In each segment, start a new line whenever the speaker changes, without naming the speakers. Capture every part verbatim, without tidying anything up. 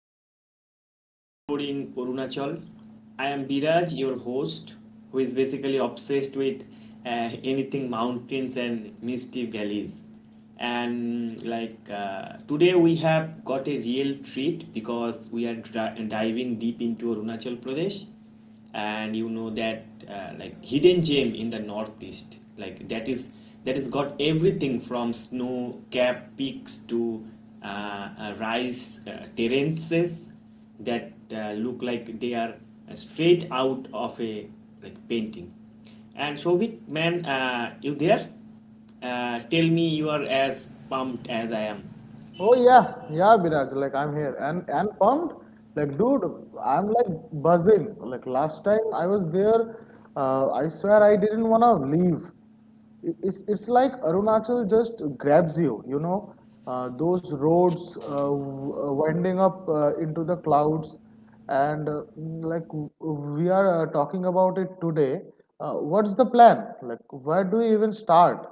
back to Exploring Arunachal. I am Biraj, your host, who is basically obsessed with uh, anything mountains and misty valleys. And like uh, today, we have got a real treat because we are dri- diving deep into Arunachal Pradesh and you know that uh, like hidden gem in the northeast like that is that is got everything from snow capped peaks to uh, uh, rice uh, terraces that uh, look like they are uh, straight out of a like painting. And Shobik man, uh, you there, uh, tell me you are as pumped as I am.
Oh yeah, yeah, Biraj. Like I'm here and and pumped. Like dude, I'm like buzzing. Like last time I was there, uh, I swear I didn't wanna leave. I- It's it's like Arunachal just grabs you. You know, uh, those roads uh, w- uh, winding up uh, into the clouds, and uh, mm, like w- we are uh, talking about it today. Uh, what's the plan? Like where do we even start?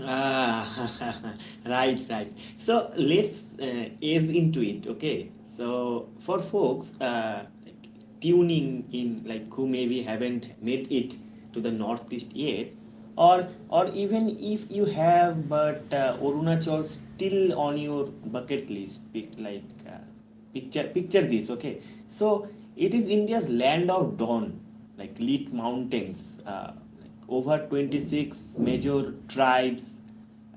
Ah, right, right. So let's uh, ease into it, okay? So for folks uh, like tuning in, like who maybe haven't made it to the northeast yet, or or even if you have, but uh, Arunachal still on your bucket list, pic- like uh, picture picture this, okay? So it is India's land of dawn, like lit mountains. Uh, like over twenty-six major tribes,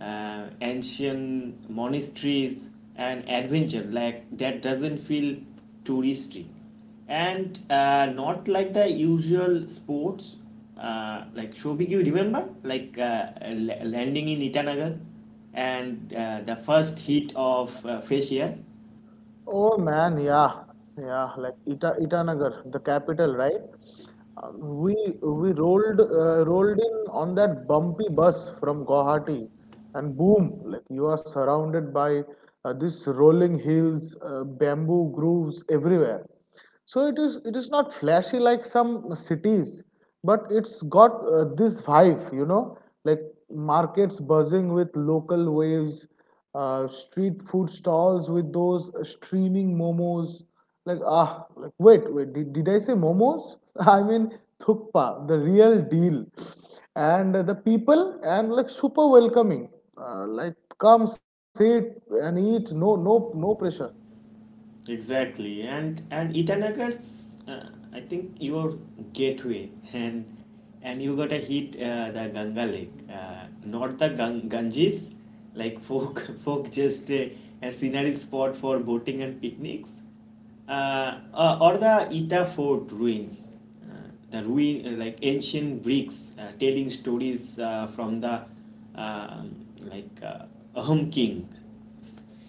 uh, ancient monasteries, and adventure. Like that doesn't feel touristy, and uh, not like the usual sports. Uh, like Shobik, you remember like uh, landing in Itanagar and uh, the first heat of uh, fresh air.
Oh man, yeah, yeah, like Ita Itanagar, the capital, right? Um, we we rolled uh, rolled in on that bumpy bus from Guwahati, and boom, like you are surrounded by uh, this rolling hills, uh, bamboo groves everywhere. So it is it is not flashy like some cities, but it's got uh, this vibe, you know, like markets buzzing with local waves, uh, street food stalls with those streaming momos. Like, ah, like, wait, wait, did, did I say momos? I mean, thukpa, the real deal. And uh, the people, and like, super welcoming. Uh, like, come sit and eat, no, no, no pressure.
Exactly, and and Itanagar's, uh, I think your gateway, and and you gotta hit uh, the Ganga Lake, uh, not the Gang- Ganges, like folk folk just uh, a scenery spot for boating and picnics, uh, uh, or the Ita Fort ruins, uh, the ruin uh, like ancient bricks uh, telling stories uh, from the um like uh, Ahom King.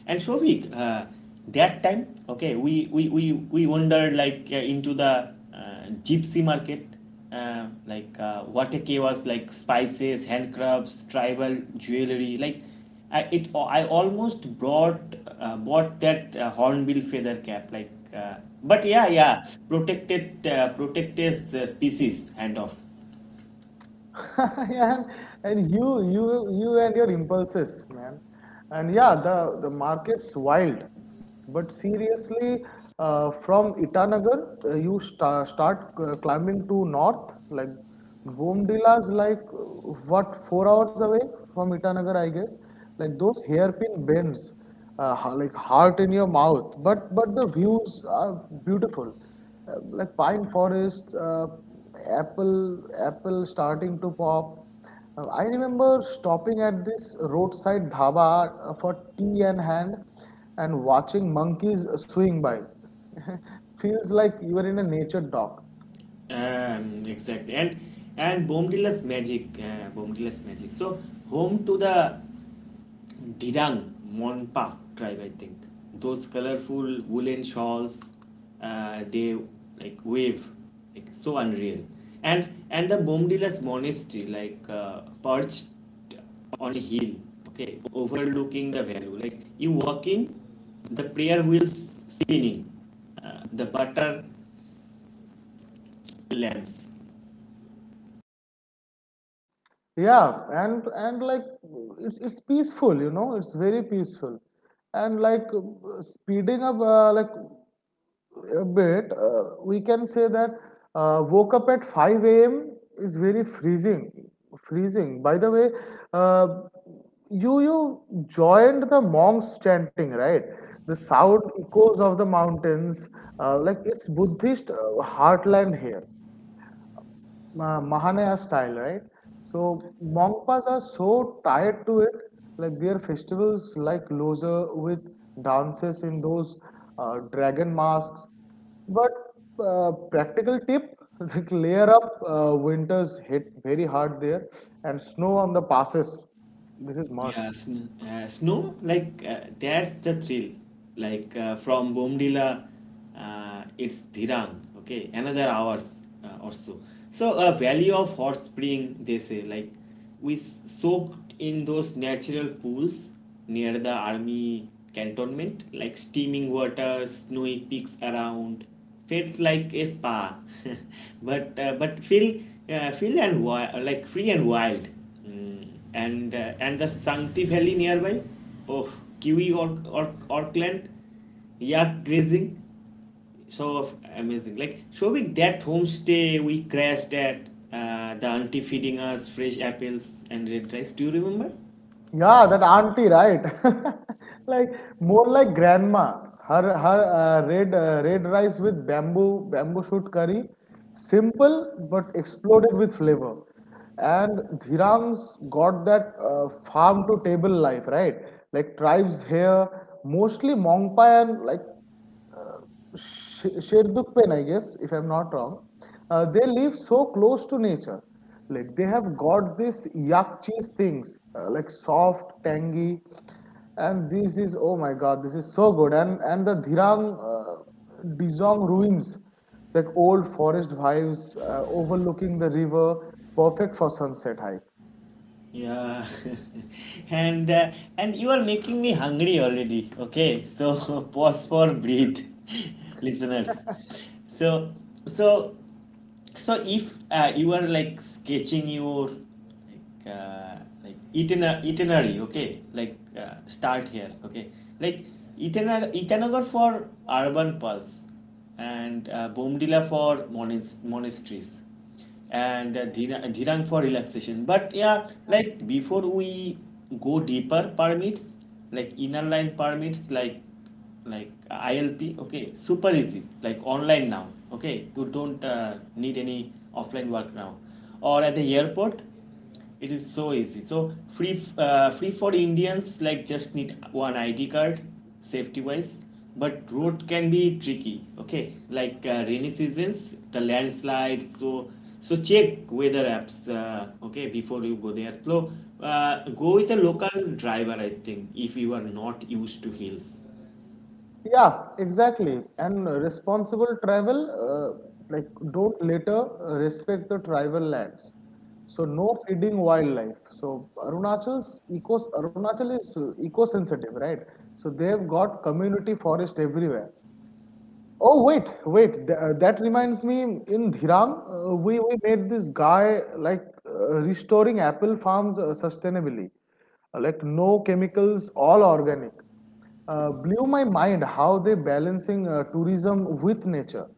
And Shobhik, uh, that time, okay, we we we, we wandered like uh, into the uh, gypsy market, uh, like uh, what a key was like spices, handcrafts, tribal jewelry. Like I it, I almost brought uh, bought that uh, hornbill feather cap. Like, uh, but yeah, yeah, protected uh, protected uh, species, hand off.
Yeah, and you you you and your impulses, man. And yeah, the the market's wild, but seriously, uh, from Itanagar uh, you sta- start uh, climbing to north. Like Bomdila's like, uh, what, four hours away from Itanagar, I guess. Like those hairpin bends, uh, ha- like heart in your mouth. But but the views are beautiful, uh, like pine forests, uh, apple, apple starting to pop. Uh, I remember stopping at this roadside dhaba uh, for tea in hand and watching monkeys swing by. Feels like you are in a nature dock.
Um, exactly, and and Bomdilla's magic, uh, Bomdilla's magic. So home to the Dirang Monpa tribe, I think. Those colorful woolen shawls, uh, they like wave, like so unreal. And and the Bomdila's monastery, like uh, perched on a hill, okay, overlooking the valley. Like you walk in, the prayer wheels spinning, uh, the butter lamps.
Yeah, and and like it's it's peaceful, you know, it's very peaceful. And like uh, speeding up, uh, like a bit, uh, we can say that uh, woke up at five a m is very freezing. Freezing. By the way, uh, you you joined the monks chanting, right? The sound echoes of the mountains. Uh, like it's Buddhist uh, heartland here. Ma- Mahanaya style, right? So Mongpas are so tied to it, like their festivals like Losar with dances in those uh, dragon masks. But uh, practical tip, like layer up, uh, winters hit very hard there, and snow on the passes. This is must.
Yeah, sn uh, Snow, like uh, that's the thrill. Like uh, from Bomdila, uh, it's Dhirang, okay, another hours uh, or so. So, uh, Valley of Hot Spring, they say, like we s- soaked in those natural pools near the army cantonment, like steaming water, snowy peaks around, felt like a spa, but uh, but feel uh, feel and wi- like free and wild. Mm and uh, and the Sankti Valley nearby, oh kiwi or or Auckland, yak grazing, so amazing. Like Shobik, that homestay we crashed at, uh, the auntie feeding us fresh apples and red rice. Do you remember?
Yeah, that auntie, right? Like more like grandma. Her her uh, red uh, red rice with bamboo bamboo shoot curry, simple but exploded with flavor. And Dhirang's got that uh, farm to table life, right? Like tribes here, mostly Mongpa and like Sherdukpen, I guess, if I'm not wrong, uh, they live so close to nature. Like they have got this yak cheese things, uh, like soft, tangy, and this is, oh my god, this is so good. And and the Dhirang uh, Dijong ruins, it's like old forest vibes, uh, overlooking the river, perfect for sunset hike.
Yeah, and uh, and you are making me hungry already. Okay, so pause for breathe, listeners. So so so if uh, you are like sketching your like uh, like itiner- itinerary, okay, like uh, start here, okay, like Itanagar, Itanagar for urban pulse and uh, Bomdila for monas- monasteries and uh, Dhirang for relaxation. But yeah, like before we go deeper permits, like inner line permits, like like I L P, okay, super easy, like online now, okay, you don't uh, need any offline work now. Or at the airport, it is so easy. So free f- uh, free for Indians, like just need one I D card, safety wise, but road can be tricky. Okay, like uh, rainy seasons, the landslides. So so check weather apps, Uh, okay, before you go there. So uh, go with a local driver, I think, if you are not used to hills.
Yeah, exactly. And responsible travel, uh, like don't litter, uh, respect the tribal lands. So no feeding wildlife. So Arunachal's eco Arunachal is uh, eco-sensitive, right? So they've got community forest everywhere. Oh wait, wait. Th- uh, that reminds me. In Dhirang, uh, we we made this guy like uh, restoring apple farms uh, sustainably. Uh, like no chemicals, all organic. Uh, blew my mind how they balancing uh, tourism with nature.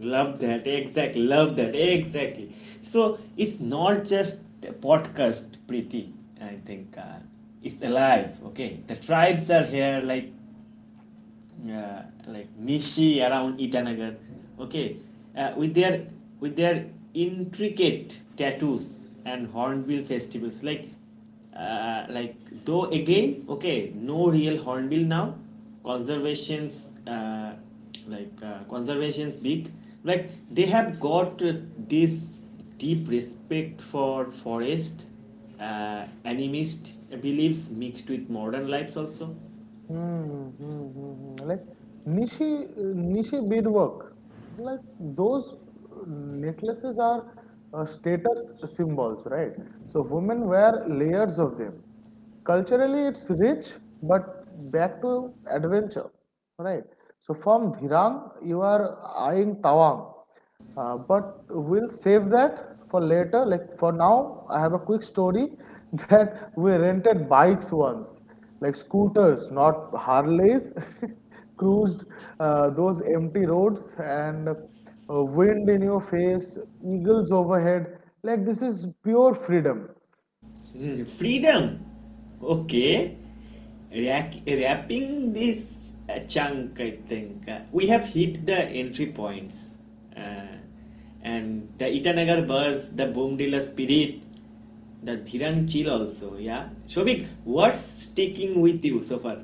Love that, exactly. Love that, exactly. So it's not just a podcast, pretty. I think uh, it's alive. Okay, the tribes are here, like yeah, like nishi around itanagar, okay, uh, with their with their intricate tattoos and hornbill festivals, like uh, like though again, okay, no real hornbill now. conservations uh, like uh, Conservations big. Like they have got uh, this deep respect for forest, uh, animist beliefs mixed with modern lives also.
Hmm, hmm, hmm, hmm. Like niche, niche beadwork, like those necklaces are uh, status symbols, right? So women wear layers of them. Culturally, it's rich, but back to adventure, right? So from Dhirang, you are eyeing Tawang. Uh, but we'll save that for later. Like for now, I have a quick story that we rented bikes once, like scooters, not Harleys, cruised uh, those empty roads and uh, wind in your face, eagles overhead. Like this is pure freedom.
Hmm, freedom. Okay. Wrapping this uh, chunk, I think. Uh, we have hit the entry points. Uh, and the Itanagar buzz, the boom spirit, the Dhirang chill also, yeah? Shobik, what's sticking with you so far?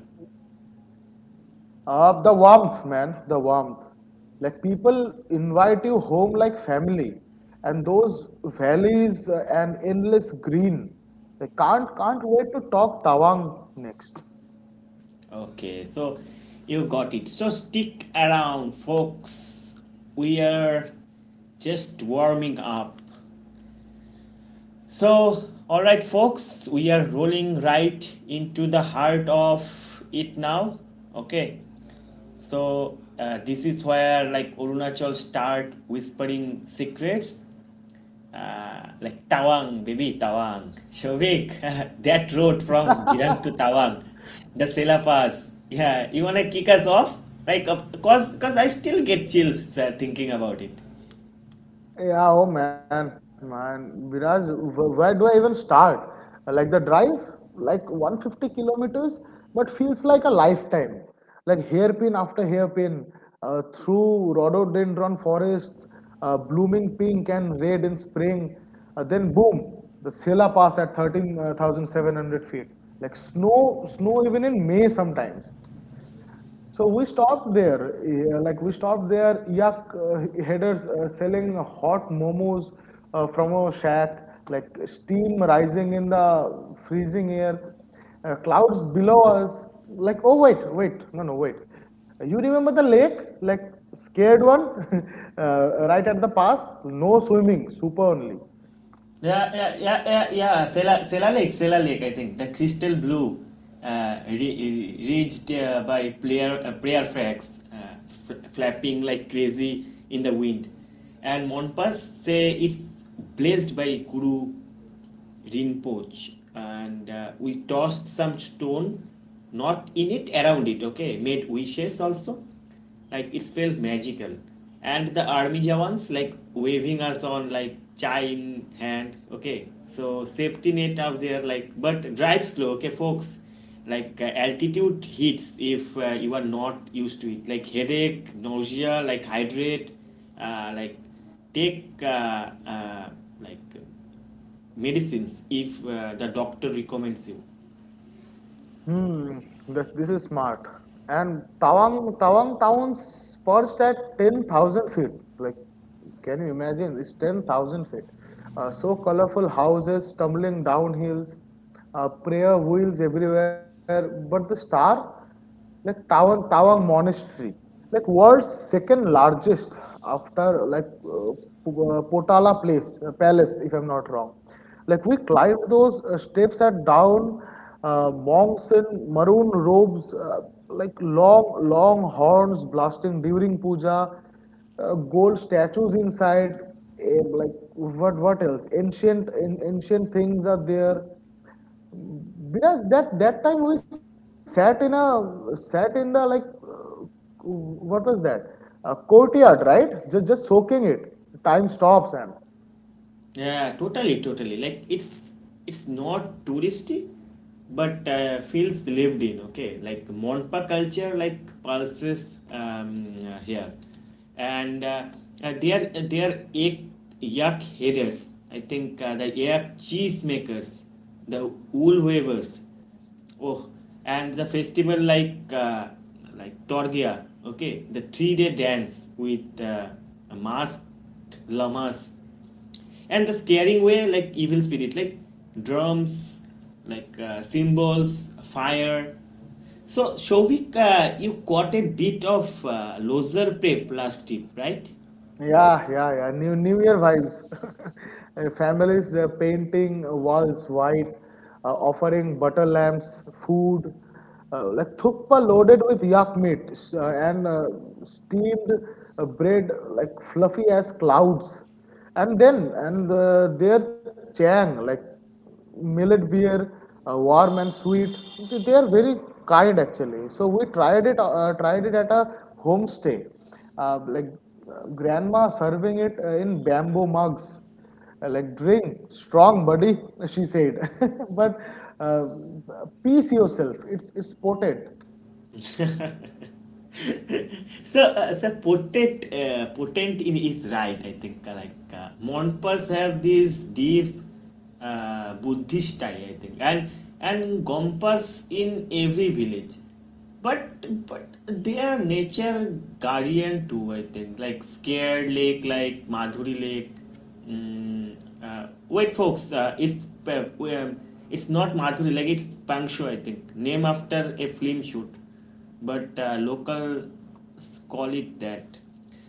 Uh, the warmth, man, the warmth. Like people invite you home like family, and those valleys uh, and endless green. They can't can't wait to talk Tawang next.
Okay, so you got it. So stick around, folks. We are just warming up. So, all right, folks, we are rolling right into the heart of it now. Okay, so uh, this is where like Arunachal start whispering secrets, uh, like Tawang, baby Tawang, Shovik, that road from Dhirang to Tawang, the Sela Pass. Yeah, you wanna kick us off? Like, of course, cause I still get chills uh, thinking about it.
Yeah, oh man, man, Viraj, wh- where do I even start? Like the drive, like one hundred fifty kilometers, but feels like a lifetime. Like hairpin after hairpin, uh, through rhododendron forests, uh, blooming pink and red in spring. Uh, then boom, the Sela Pass at thirteen thousand seven hundred feet. Like snow, snow even in May sometimes. So we stopped there, yeah, like we stopped there. Yak uh, headers uh, selling hot momos uh, from a shack, like steam rising in the freezing air, uh, clouds below us. Like, oh, wait, wait, no, no, wait. You remember the lake, like scared one, uh, right at the pass? No swimming, super only.
Yeah, yeah, yeah, yeah, yeah. Sela, Sela Lake, Sela Lake, I think. The crystal blue, uh, re- re- reached uh, by player, uh, prayer flags, uh, f- flapping like crazy in the wind. And Monpas say it's blessed by Guru Rinpoche, and uh, we tossed some stone, not in it, around it, okay? Made wishes also. Like it felt magical. And the army jawans like waving us on like chai in hand, okay? So safety net out there, like, but drive slow, okay, folks? Like uh, altitude hits if uh, you are not used to it, like headache, nausea, like hydrate, uh, like take uh, uh, like medicines if uh, the doctor recommends you.
Hmm, this, this is smart. And Tawang, Tawang Town's perched at ten thousand feet. Like, can you imagine? It's ten thousand feet. Uh, so colorful houses tumbling down hills, uh, prayer wheels everywhere. But the star? Like Tawang, Tawang Monastery, like world's second largest after like uh, uh, Potala Place uh, Palace, if I'm not wrong. Like we climbed those uh, steps and down uh, monks in maroon robes, uh, like long long horns blasting during puja, uh, gold statues inside. Eh, like what what else? Ancient in ancient things are there because that that time we sat in a sat in the like uh, what was that? A courtyard, right? Just just soaking it. Time stops and
Yeah, totally, totally. Like it's it's not touristy, but uh, feels lived in. Okay, like Monpa culture like pulses um, uh, here, and uh, uh, their their egg yak headers. I think uh, the yak cheese makers, the wool weavers. Oh, and the festival like uh, like Torgia, okay, the three day dance with uh, masked llamas and the scaring way like evil spirit, like drums, like uh, cymbals, fire. So Shovik, uh, you got a bit of uh, loser prep last trip, right?
yeah, yeah, yeah. New New Year vibes. Uh, Families uh, painting walls white, uh, offering butter lamps, food, uh, like thukpa loaded with yak meat s- uh, and uh, steamed uh, bread, like fluffy as clouds. And then and uh, their chang, like millet beer, uh, warm and sweet. They, they are very kind actually. So we tried it, uh, tried it at a homestay, uh, like uh, grandma serving it uh, in bamboo mugs. Uh, Like drink strong, buddy, she said. But uh, peace yourself. It's it's potent.
So, uh, so potent, uh, potent in is right. I think uh, like uh, Monpas have this deep uh, Buddhist tie. I think, and and Gompas in every village, but but they are nature guardian too. I think like Scared Lake, like Madhuri Lake. Mm, uh, wait, folks. Uh, it's pe- um, it's not Madhuri Lake. It's Pangsho. I think name after a film shoot, but uh, locals call it that.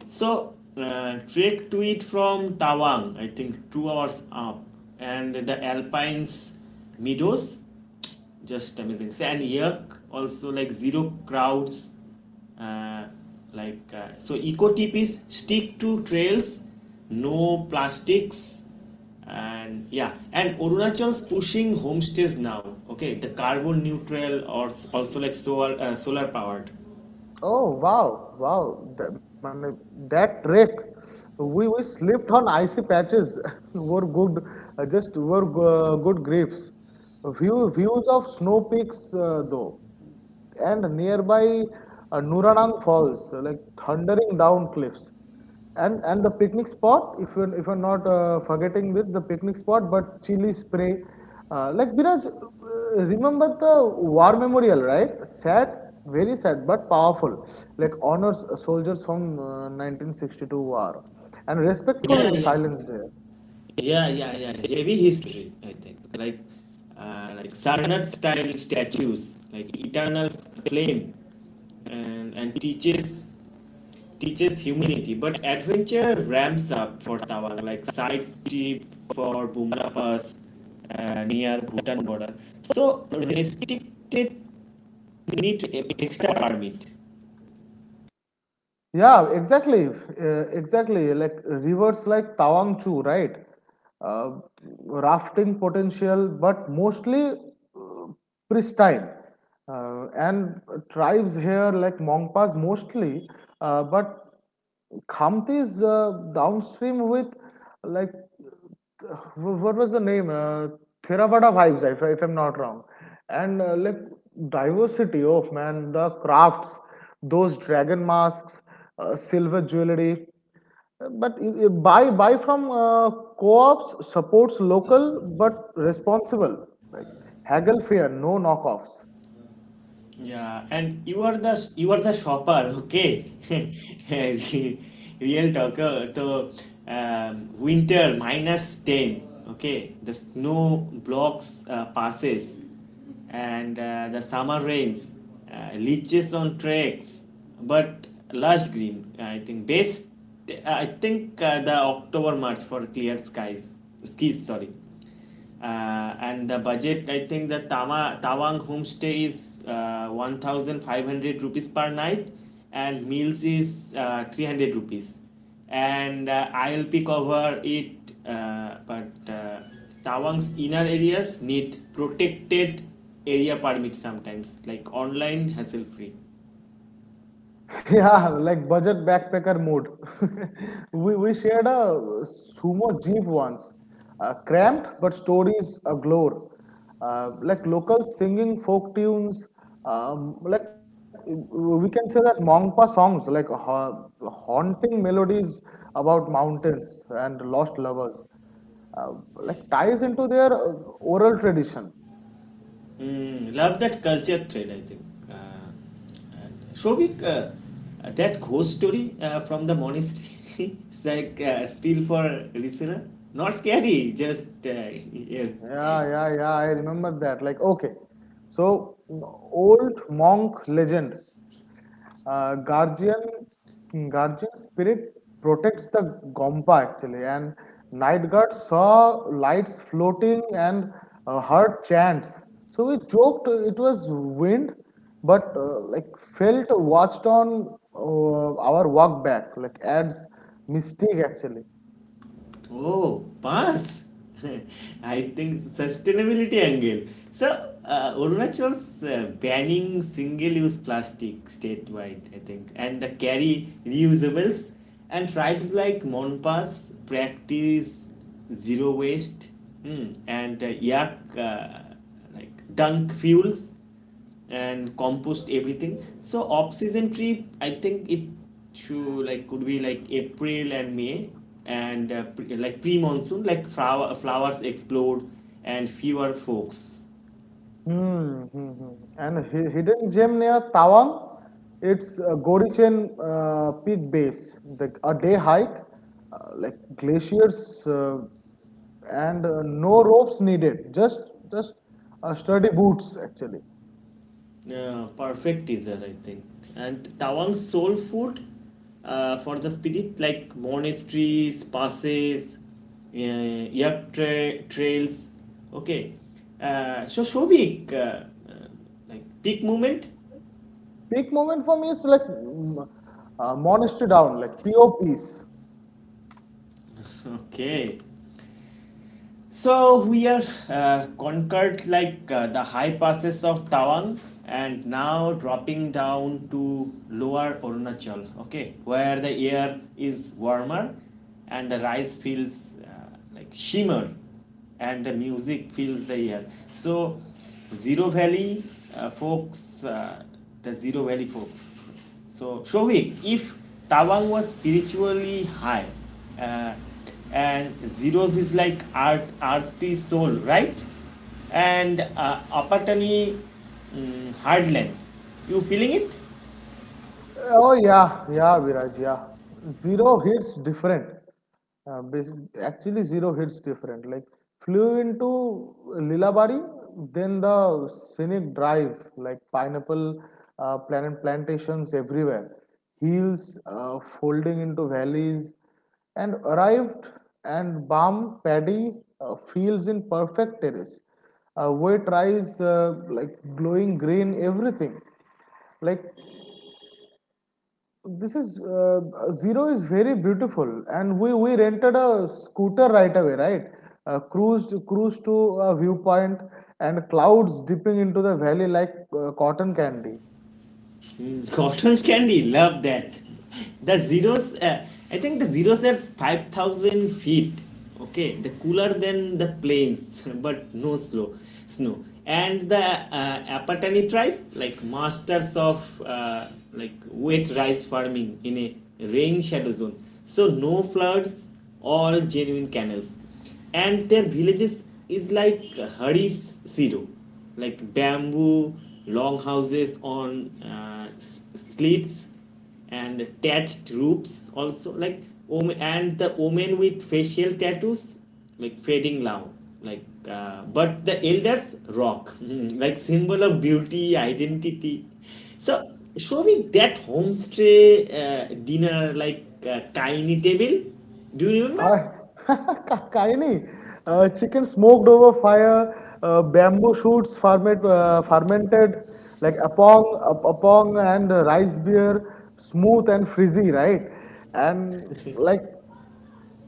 So, uh, trek to it from Tawang, I think two hours up, and the Alpines meadows, just amazing. So, and Yak also, like zero crowds, uh, uh, like uh, so eco tip is stick to trails, no plastics. And yeah, and arunachal's pushing homestays now, okay, the carbon neutral or s- also like solar, uh, solar powered.
Oh wow, wow! That, man, that trek, we, we slipped on icy patches. Were good, uh, just were uh, good grapes. View, views of snow peaks uh, though, and nearby uh, Nuranang Falls, uh, like thundering down cliffs. And and the picnic spot, if you if you're not uh, forgetting this, the picnic spot, but chili spray. Uh, like Biraj, uh, remember the war memorial, right? Sad, very sad, but powerful. Like honors soldiers from uh, nineteen sixty-two war, and
yeah
respectful
yeah
silence there.
yeah yeah yeah Heavy history, I think. Like uh, like sarnath style statues like eternal flame, and and teaches teaches humility, but adventure ramps up for Tawang, like side steep for Bumla Pass uh, near Bhutan border. So restricted, need to e- extra permit.
Yeah, exactly. Uh, exactly. Like rivers like Tawang Chu, right? Uh, Rafting potential, but mostly uh, pristine. Uh, and tribes here like Mongpas mostly, uh, but Khamti is uh, downstream with like what was the name? Uh, Theravada vibes, if, if I'm not wrong. And uh, like diversity of man, the crafts, those dragon masks, uh, silver jewelry. But you- buy buy from uh, co-ops supports local but responsible. Like haggle fair, no knockoffs.
Yeah, and you are the you are the shopper, okay? Real talker. So, um, winter minus ten. Okay, the snow blocks uh, passes, and uh, the summer rains uh, leaches on tracks. But lush green, I think best. I think uh, the October March for clear skies, skis. Sorry. Uh, and the budget, I think the Tama, Tawang homestay is uh, one thousand five hundred rupees per night and meals is uh, three hundred rupees. And uh, I L P cover it, uh, but uh, Tawang's inner areas need protected area permit sometimes, like online hassle free.
Yeah, like budget backpacker mode. we, we shared a sumo jeep once, uh, cramped but stories galore. Uh, like locals singing folk tunes, um, like we can say that Mongpa songs, like ha- haunting melodies about mountains and lost lovers, uh, like ties into their uh, oral tradition.
Mm, love that culture thread, I think. Uh, and Shobik, uh, that ghost story uh, from the monastery is like uh, a spiel for listener. Not scary, just uh, yeah.
Yeah, yeah, yeah, I remember that. Like, okay. So, old monk legend. uh, guardian Guardian spirit protects the gompa actually, and night guard saw lights floating and uh, heard chants. So we joked it was wind, but uh, like felt watched on uh, our walk back. Like adds mystique actually.
Oh, pass! I think sustainability angle. So, uh, Arunachal's uh, banning single-use plastic statewide, I think, and the carry reusables, and tribes like Monpas practice zero waste, hmm, and uh, yak uh, like dunk fuels and compost everything. So off season trip, I think it should like could be like April and May, and uh, pre- like pre monsoon, like flower flowers explode and fewer folks.
Hmm, hmm, hmm. And hi- hidden gem near Tawang, it's uh, Gorichen uh, Peak Base, the, a day hike, uh, like glaciers uh, and uh, no ropes needed, just just uh, sturdy boots actually.
Yeah, perfect teaser, I think. And Tawang's soul food uh, for the spirit, like monasteries, passes, uh, yak tra- trails. Okay. Uh, so, Shobik, uh, uh, like peak moment.
Peak moment for me is like mm, uh, monastery down, like pure peace.
Okay. So we are uh, conquered like uh, the high passes of Tawang, and now dropping down to lower Arunachal, okay, where the air is warmer and the rice feels uh, like shimmer and the music fills the air. So Zero Valley uh, folks, uh, the Zero Valley folks. So, Shovik, if Tawang was spiritually high, uh, and Zeros is like art, earthy soul, right? And uh, Apatani, mm, hard land. You feeling it?
Oh yeah, yeah, Viraj, yeah. Zero hits different. Uh, basic, actually, Zero hits different. Like flew into Lilabari, then the scenic drive, like pineapple uh, planet plantations everywhere, hills uh, folding into valleys, and arrived and balm paddy uh, fields in perfect terrace. Uh, wet rice, uh, like glowing green, everything like this is uh, Zero is very beautiful, and we we rented a scooter right away, right? Uh, cruised cruised to a viewpoint, and clouds dipping into the valley like uh, cotton candy.
Cotton candy, love that. The zeros, uh, I think the zeros are five thousand feet. Okay, the cooler than the plains, but no slow snow. And the uh, Apatani tribe, like masters of uh, like wet rice farming in a rain shadow zone. So no floods, all genuine canals. And their villages is like Hari's zero like bamboo long houses on uh, s- slits and thatched roofs, also like wom- and the women with facial tattoos, like fading now, like uh, but the elders rock. Mhm. Like symbol of beauty identity. So show me that homestay, uh, dinner like uh, tiny table, do you remember?
Uh, Kaini, uh, chicken smoked over fire, uh, bamboo shoots ferment, uh, fermented, like apong, ap- apong and rice beer, smooth and frizzy, right? And like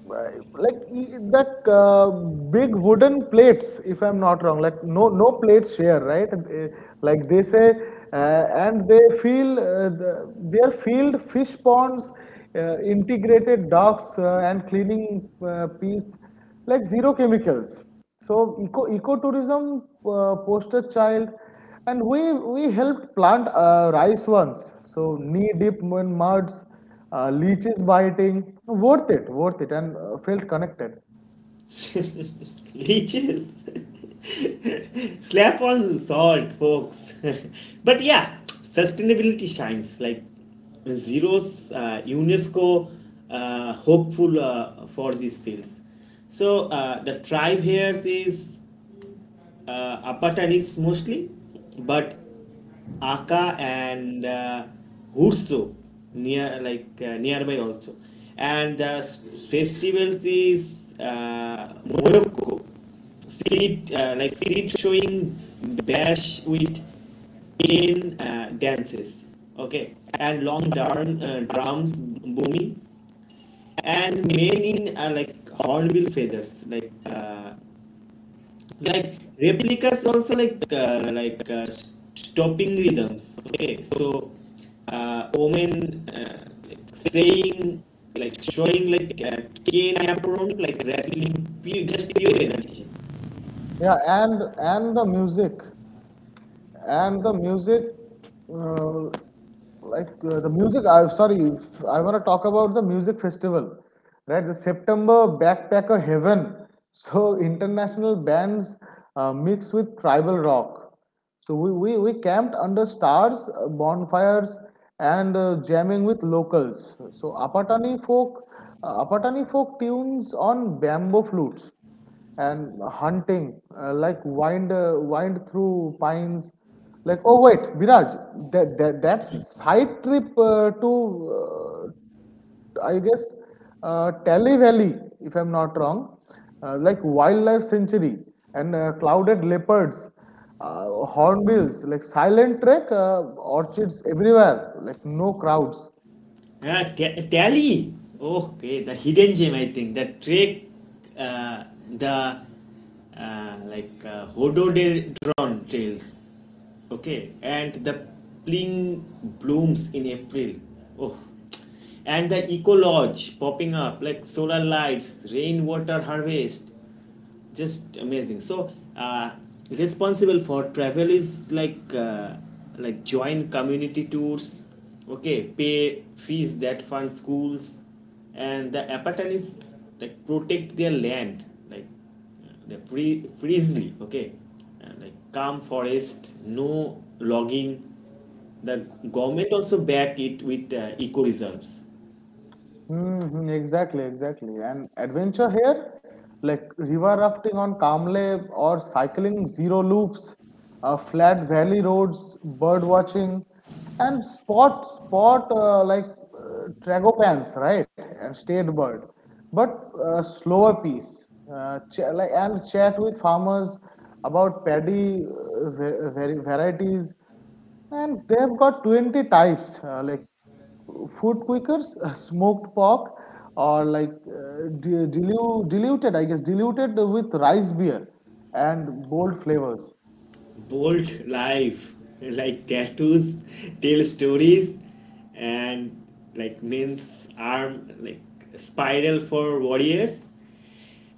right. Like e- e, that uh, big wooden plates, if I'm not wrong, like no no plates here, right? They- Like they say, uh, and they feel uh, the, their field fish ponds, uh, integrated docks, uh, and cleaning uh, piece, like zero chemicals. So eco ecotourism uh, poster child, and we we helped plant uh, rice once. So knee deep in muds, uh, leeches biting, worth it worth it, and uh, felt connected.
Leeches. Slap on salt, folks. But yeah, sustainability shines like zeros. Uh, UNESCO uh, hopeful uh, for these fields. So uh, the tribe here is uh, Apatanis mostly, but Aka and uh, Hurso near, like uh, nearby also, and the s- festivals is uh, Moyoko, seed uh, like seed showing bash with in uh, dances. Okay, and long drum, uh, drums booming and men in uh, like hornbill feathers like uh, like replicas also, like uh, like uh, stopping rhythms. Okay, so uh, omen, uh, saying, like showing, like uh, cane apron like rattling pure, just pure energy.
Yeah, and and the music and the music, uh, like uh, the music I'm sorry, I want to talk about the music festival, right? The September backpacker heaven, so international bands uh, mix with tribal rock. So we, we, we camped under stars, uh, bonfires, and uh, jamming with locals. So apatani folk uh, apatani folk tunes on bamboo flutes, and hunting, uh, like wind uh, wind through pines. Like oh wait, Viraj, that that, that side trip uh, to uh, I guess uh, Tally Valley, if I'm not wrong, uh, like wildlife sanctuary and uh, clouded leopards, uh, hornbills, like silent trek, uh, orchids everywhere, like no crowds.
Ah, Tally. Okay, the hidden gem. I think the trick, uh, the uh, like uh, rhododendron trails. Okay, and the pling blooms in April. Oh, and the eco lodge popping up like solar lights, rainwater harvest, just amazing. So uh, responsible for travel is like uh, like join community tours. Okay, pay fees that fund schools, and the Apatanis like protect their land, like uh, the free freely. Okay, and like calm forest, no logging. The government also back it with uh, eco reserves.
Mm-hmm, exactly, exactly. And adventure here, like river rafting on Kamle or cycling zero loops, uh, flat valley roads, bird watching, and spot spot uh, like uh, tragopans, right? And state bird, but uh, slower pace. Uh, ch- like and chat with farmers about paddy uh, va- vari- varieties, and they've got twenty types uh, like food quickers, uh, smoked pork, or like uh, dilu- diluted, I guess, diluted with rice beer and bold flavors.
Bold life, like tattoos tell stories, and like men's arm like spiral for warriors,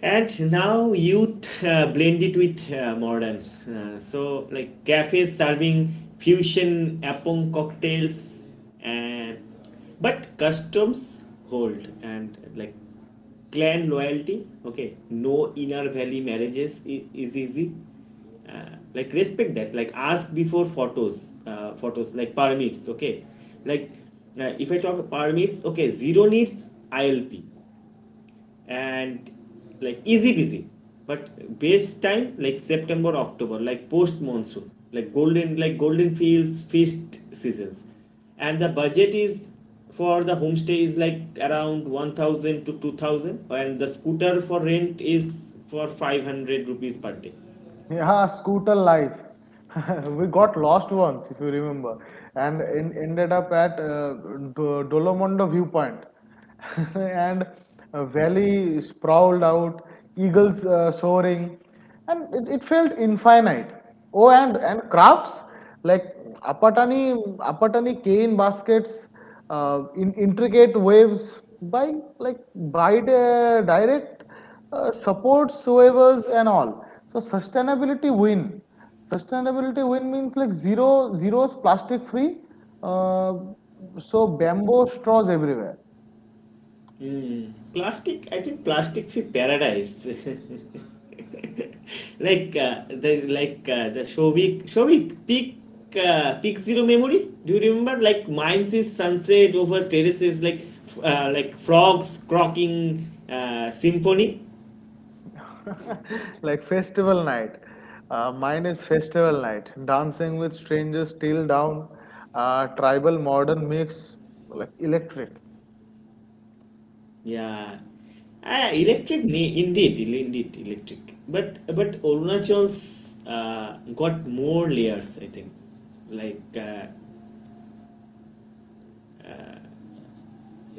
and now youth uh, blend it with uh, modern. Uh, so like cafes serving fusion apple cocktails, and but customs hold and like clan loyalty. Okay, no inner valley marriages i- is easy. Uh, like respect that. Like ask before photos, uh, photos like permits. Okay, like uh, if I talk permits, okay, zero needs I L P, and like easy busy. But best time like september october, like post monsoon, like golden, like golden fields feast seasons. And the budget is for the homestay is like around one thousand to two thousand, and the scooter for rent is for five hundred rupees per day.
Yeah, scooter life. We got lost once, if you remember, and en- ended up at uh, Do- Dolomondo viewpoint, and a valley sprawled out, eagles uh, soaring, and it, it felt infinite. Oh, and and crafts like Apatani, Apatani cane baskets, uh, in intricate waves by like by the direct uh, support whoever's and all. So sustainability win. Sustainability win means like zero, zero is plastic free. Uh, so bamboo straws everywhere.
Plastic, I think, plastic free paradise. Like uh, the like uh, the Shovik Shovik peak, uh, peak zero memory. Do you remember? Like mines is sunset over terraces, like f- uh, like frogs croaking uh, symphony.
Like festival night. Uh, mine is festival night. Dancing with strangers till down. Uh, tribal modern mix like electric.
Yeah. Ah, electric ne- indeed, il- Indeed electric. But but Arunachal's uh, got more layers, I think. Like uh,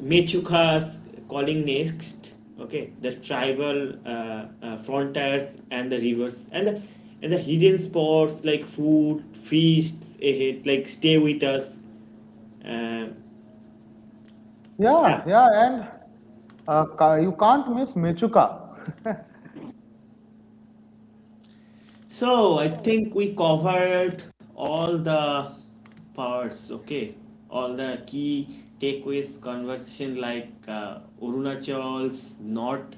Mechukas calling next. Okay, the tribal uh, uh, frontiers, and the rivers, and the and the hidden spots, like food, feasts ahead. Like stay with us. Uh, yeah,
Yeah, yeah, and uh, ca- you can't miss Mechuka.
So I think we covered all the parts, okay? All the key takeaways conversation, like uh, Arunachal's not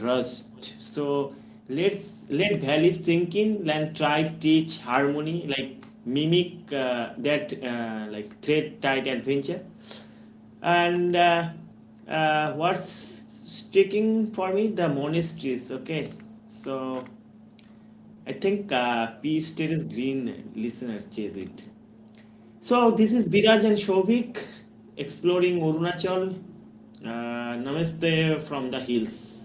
rust. So let's let valley sink in and try to teach harmony, like mimic uh, that uh, like thread tight adventure. And uh, uh, what's sticking for me, the monasteries, okay? So I think uh, P status green listeners chase it. So this is Biraj and Shobik exploring Urunachal. Uh, namaste from the hills.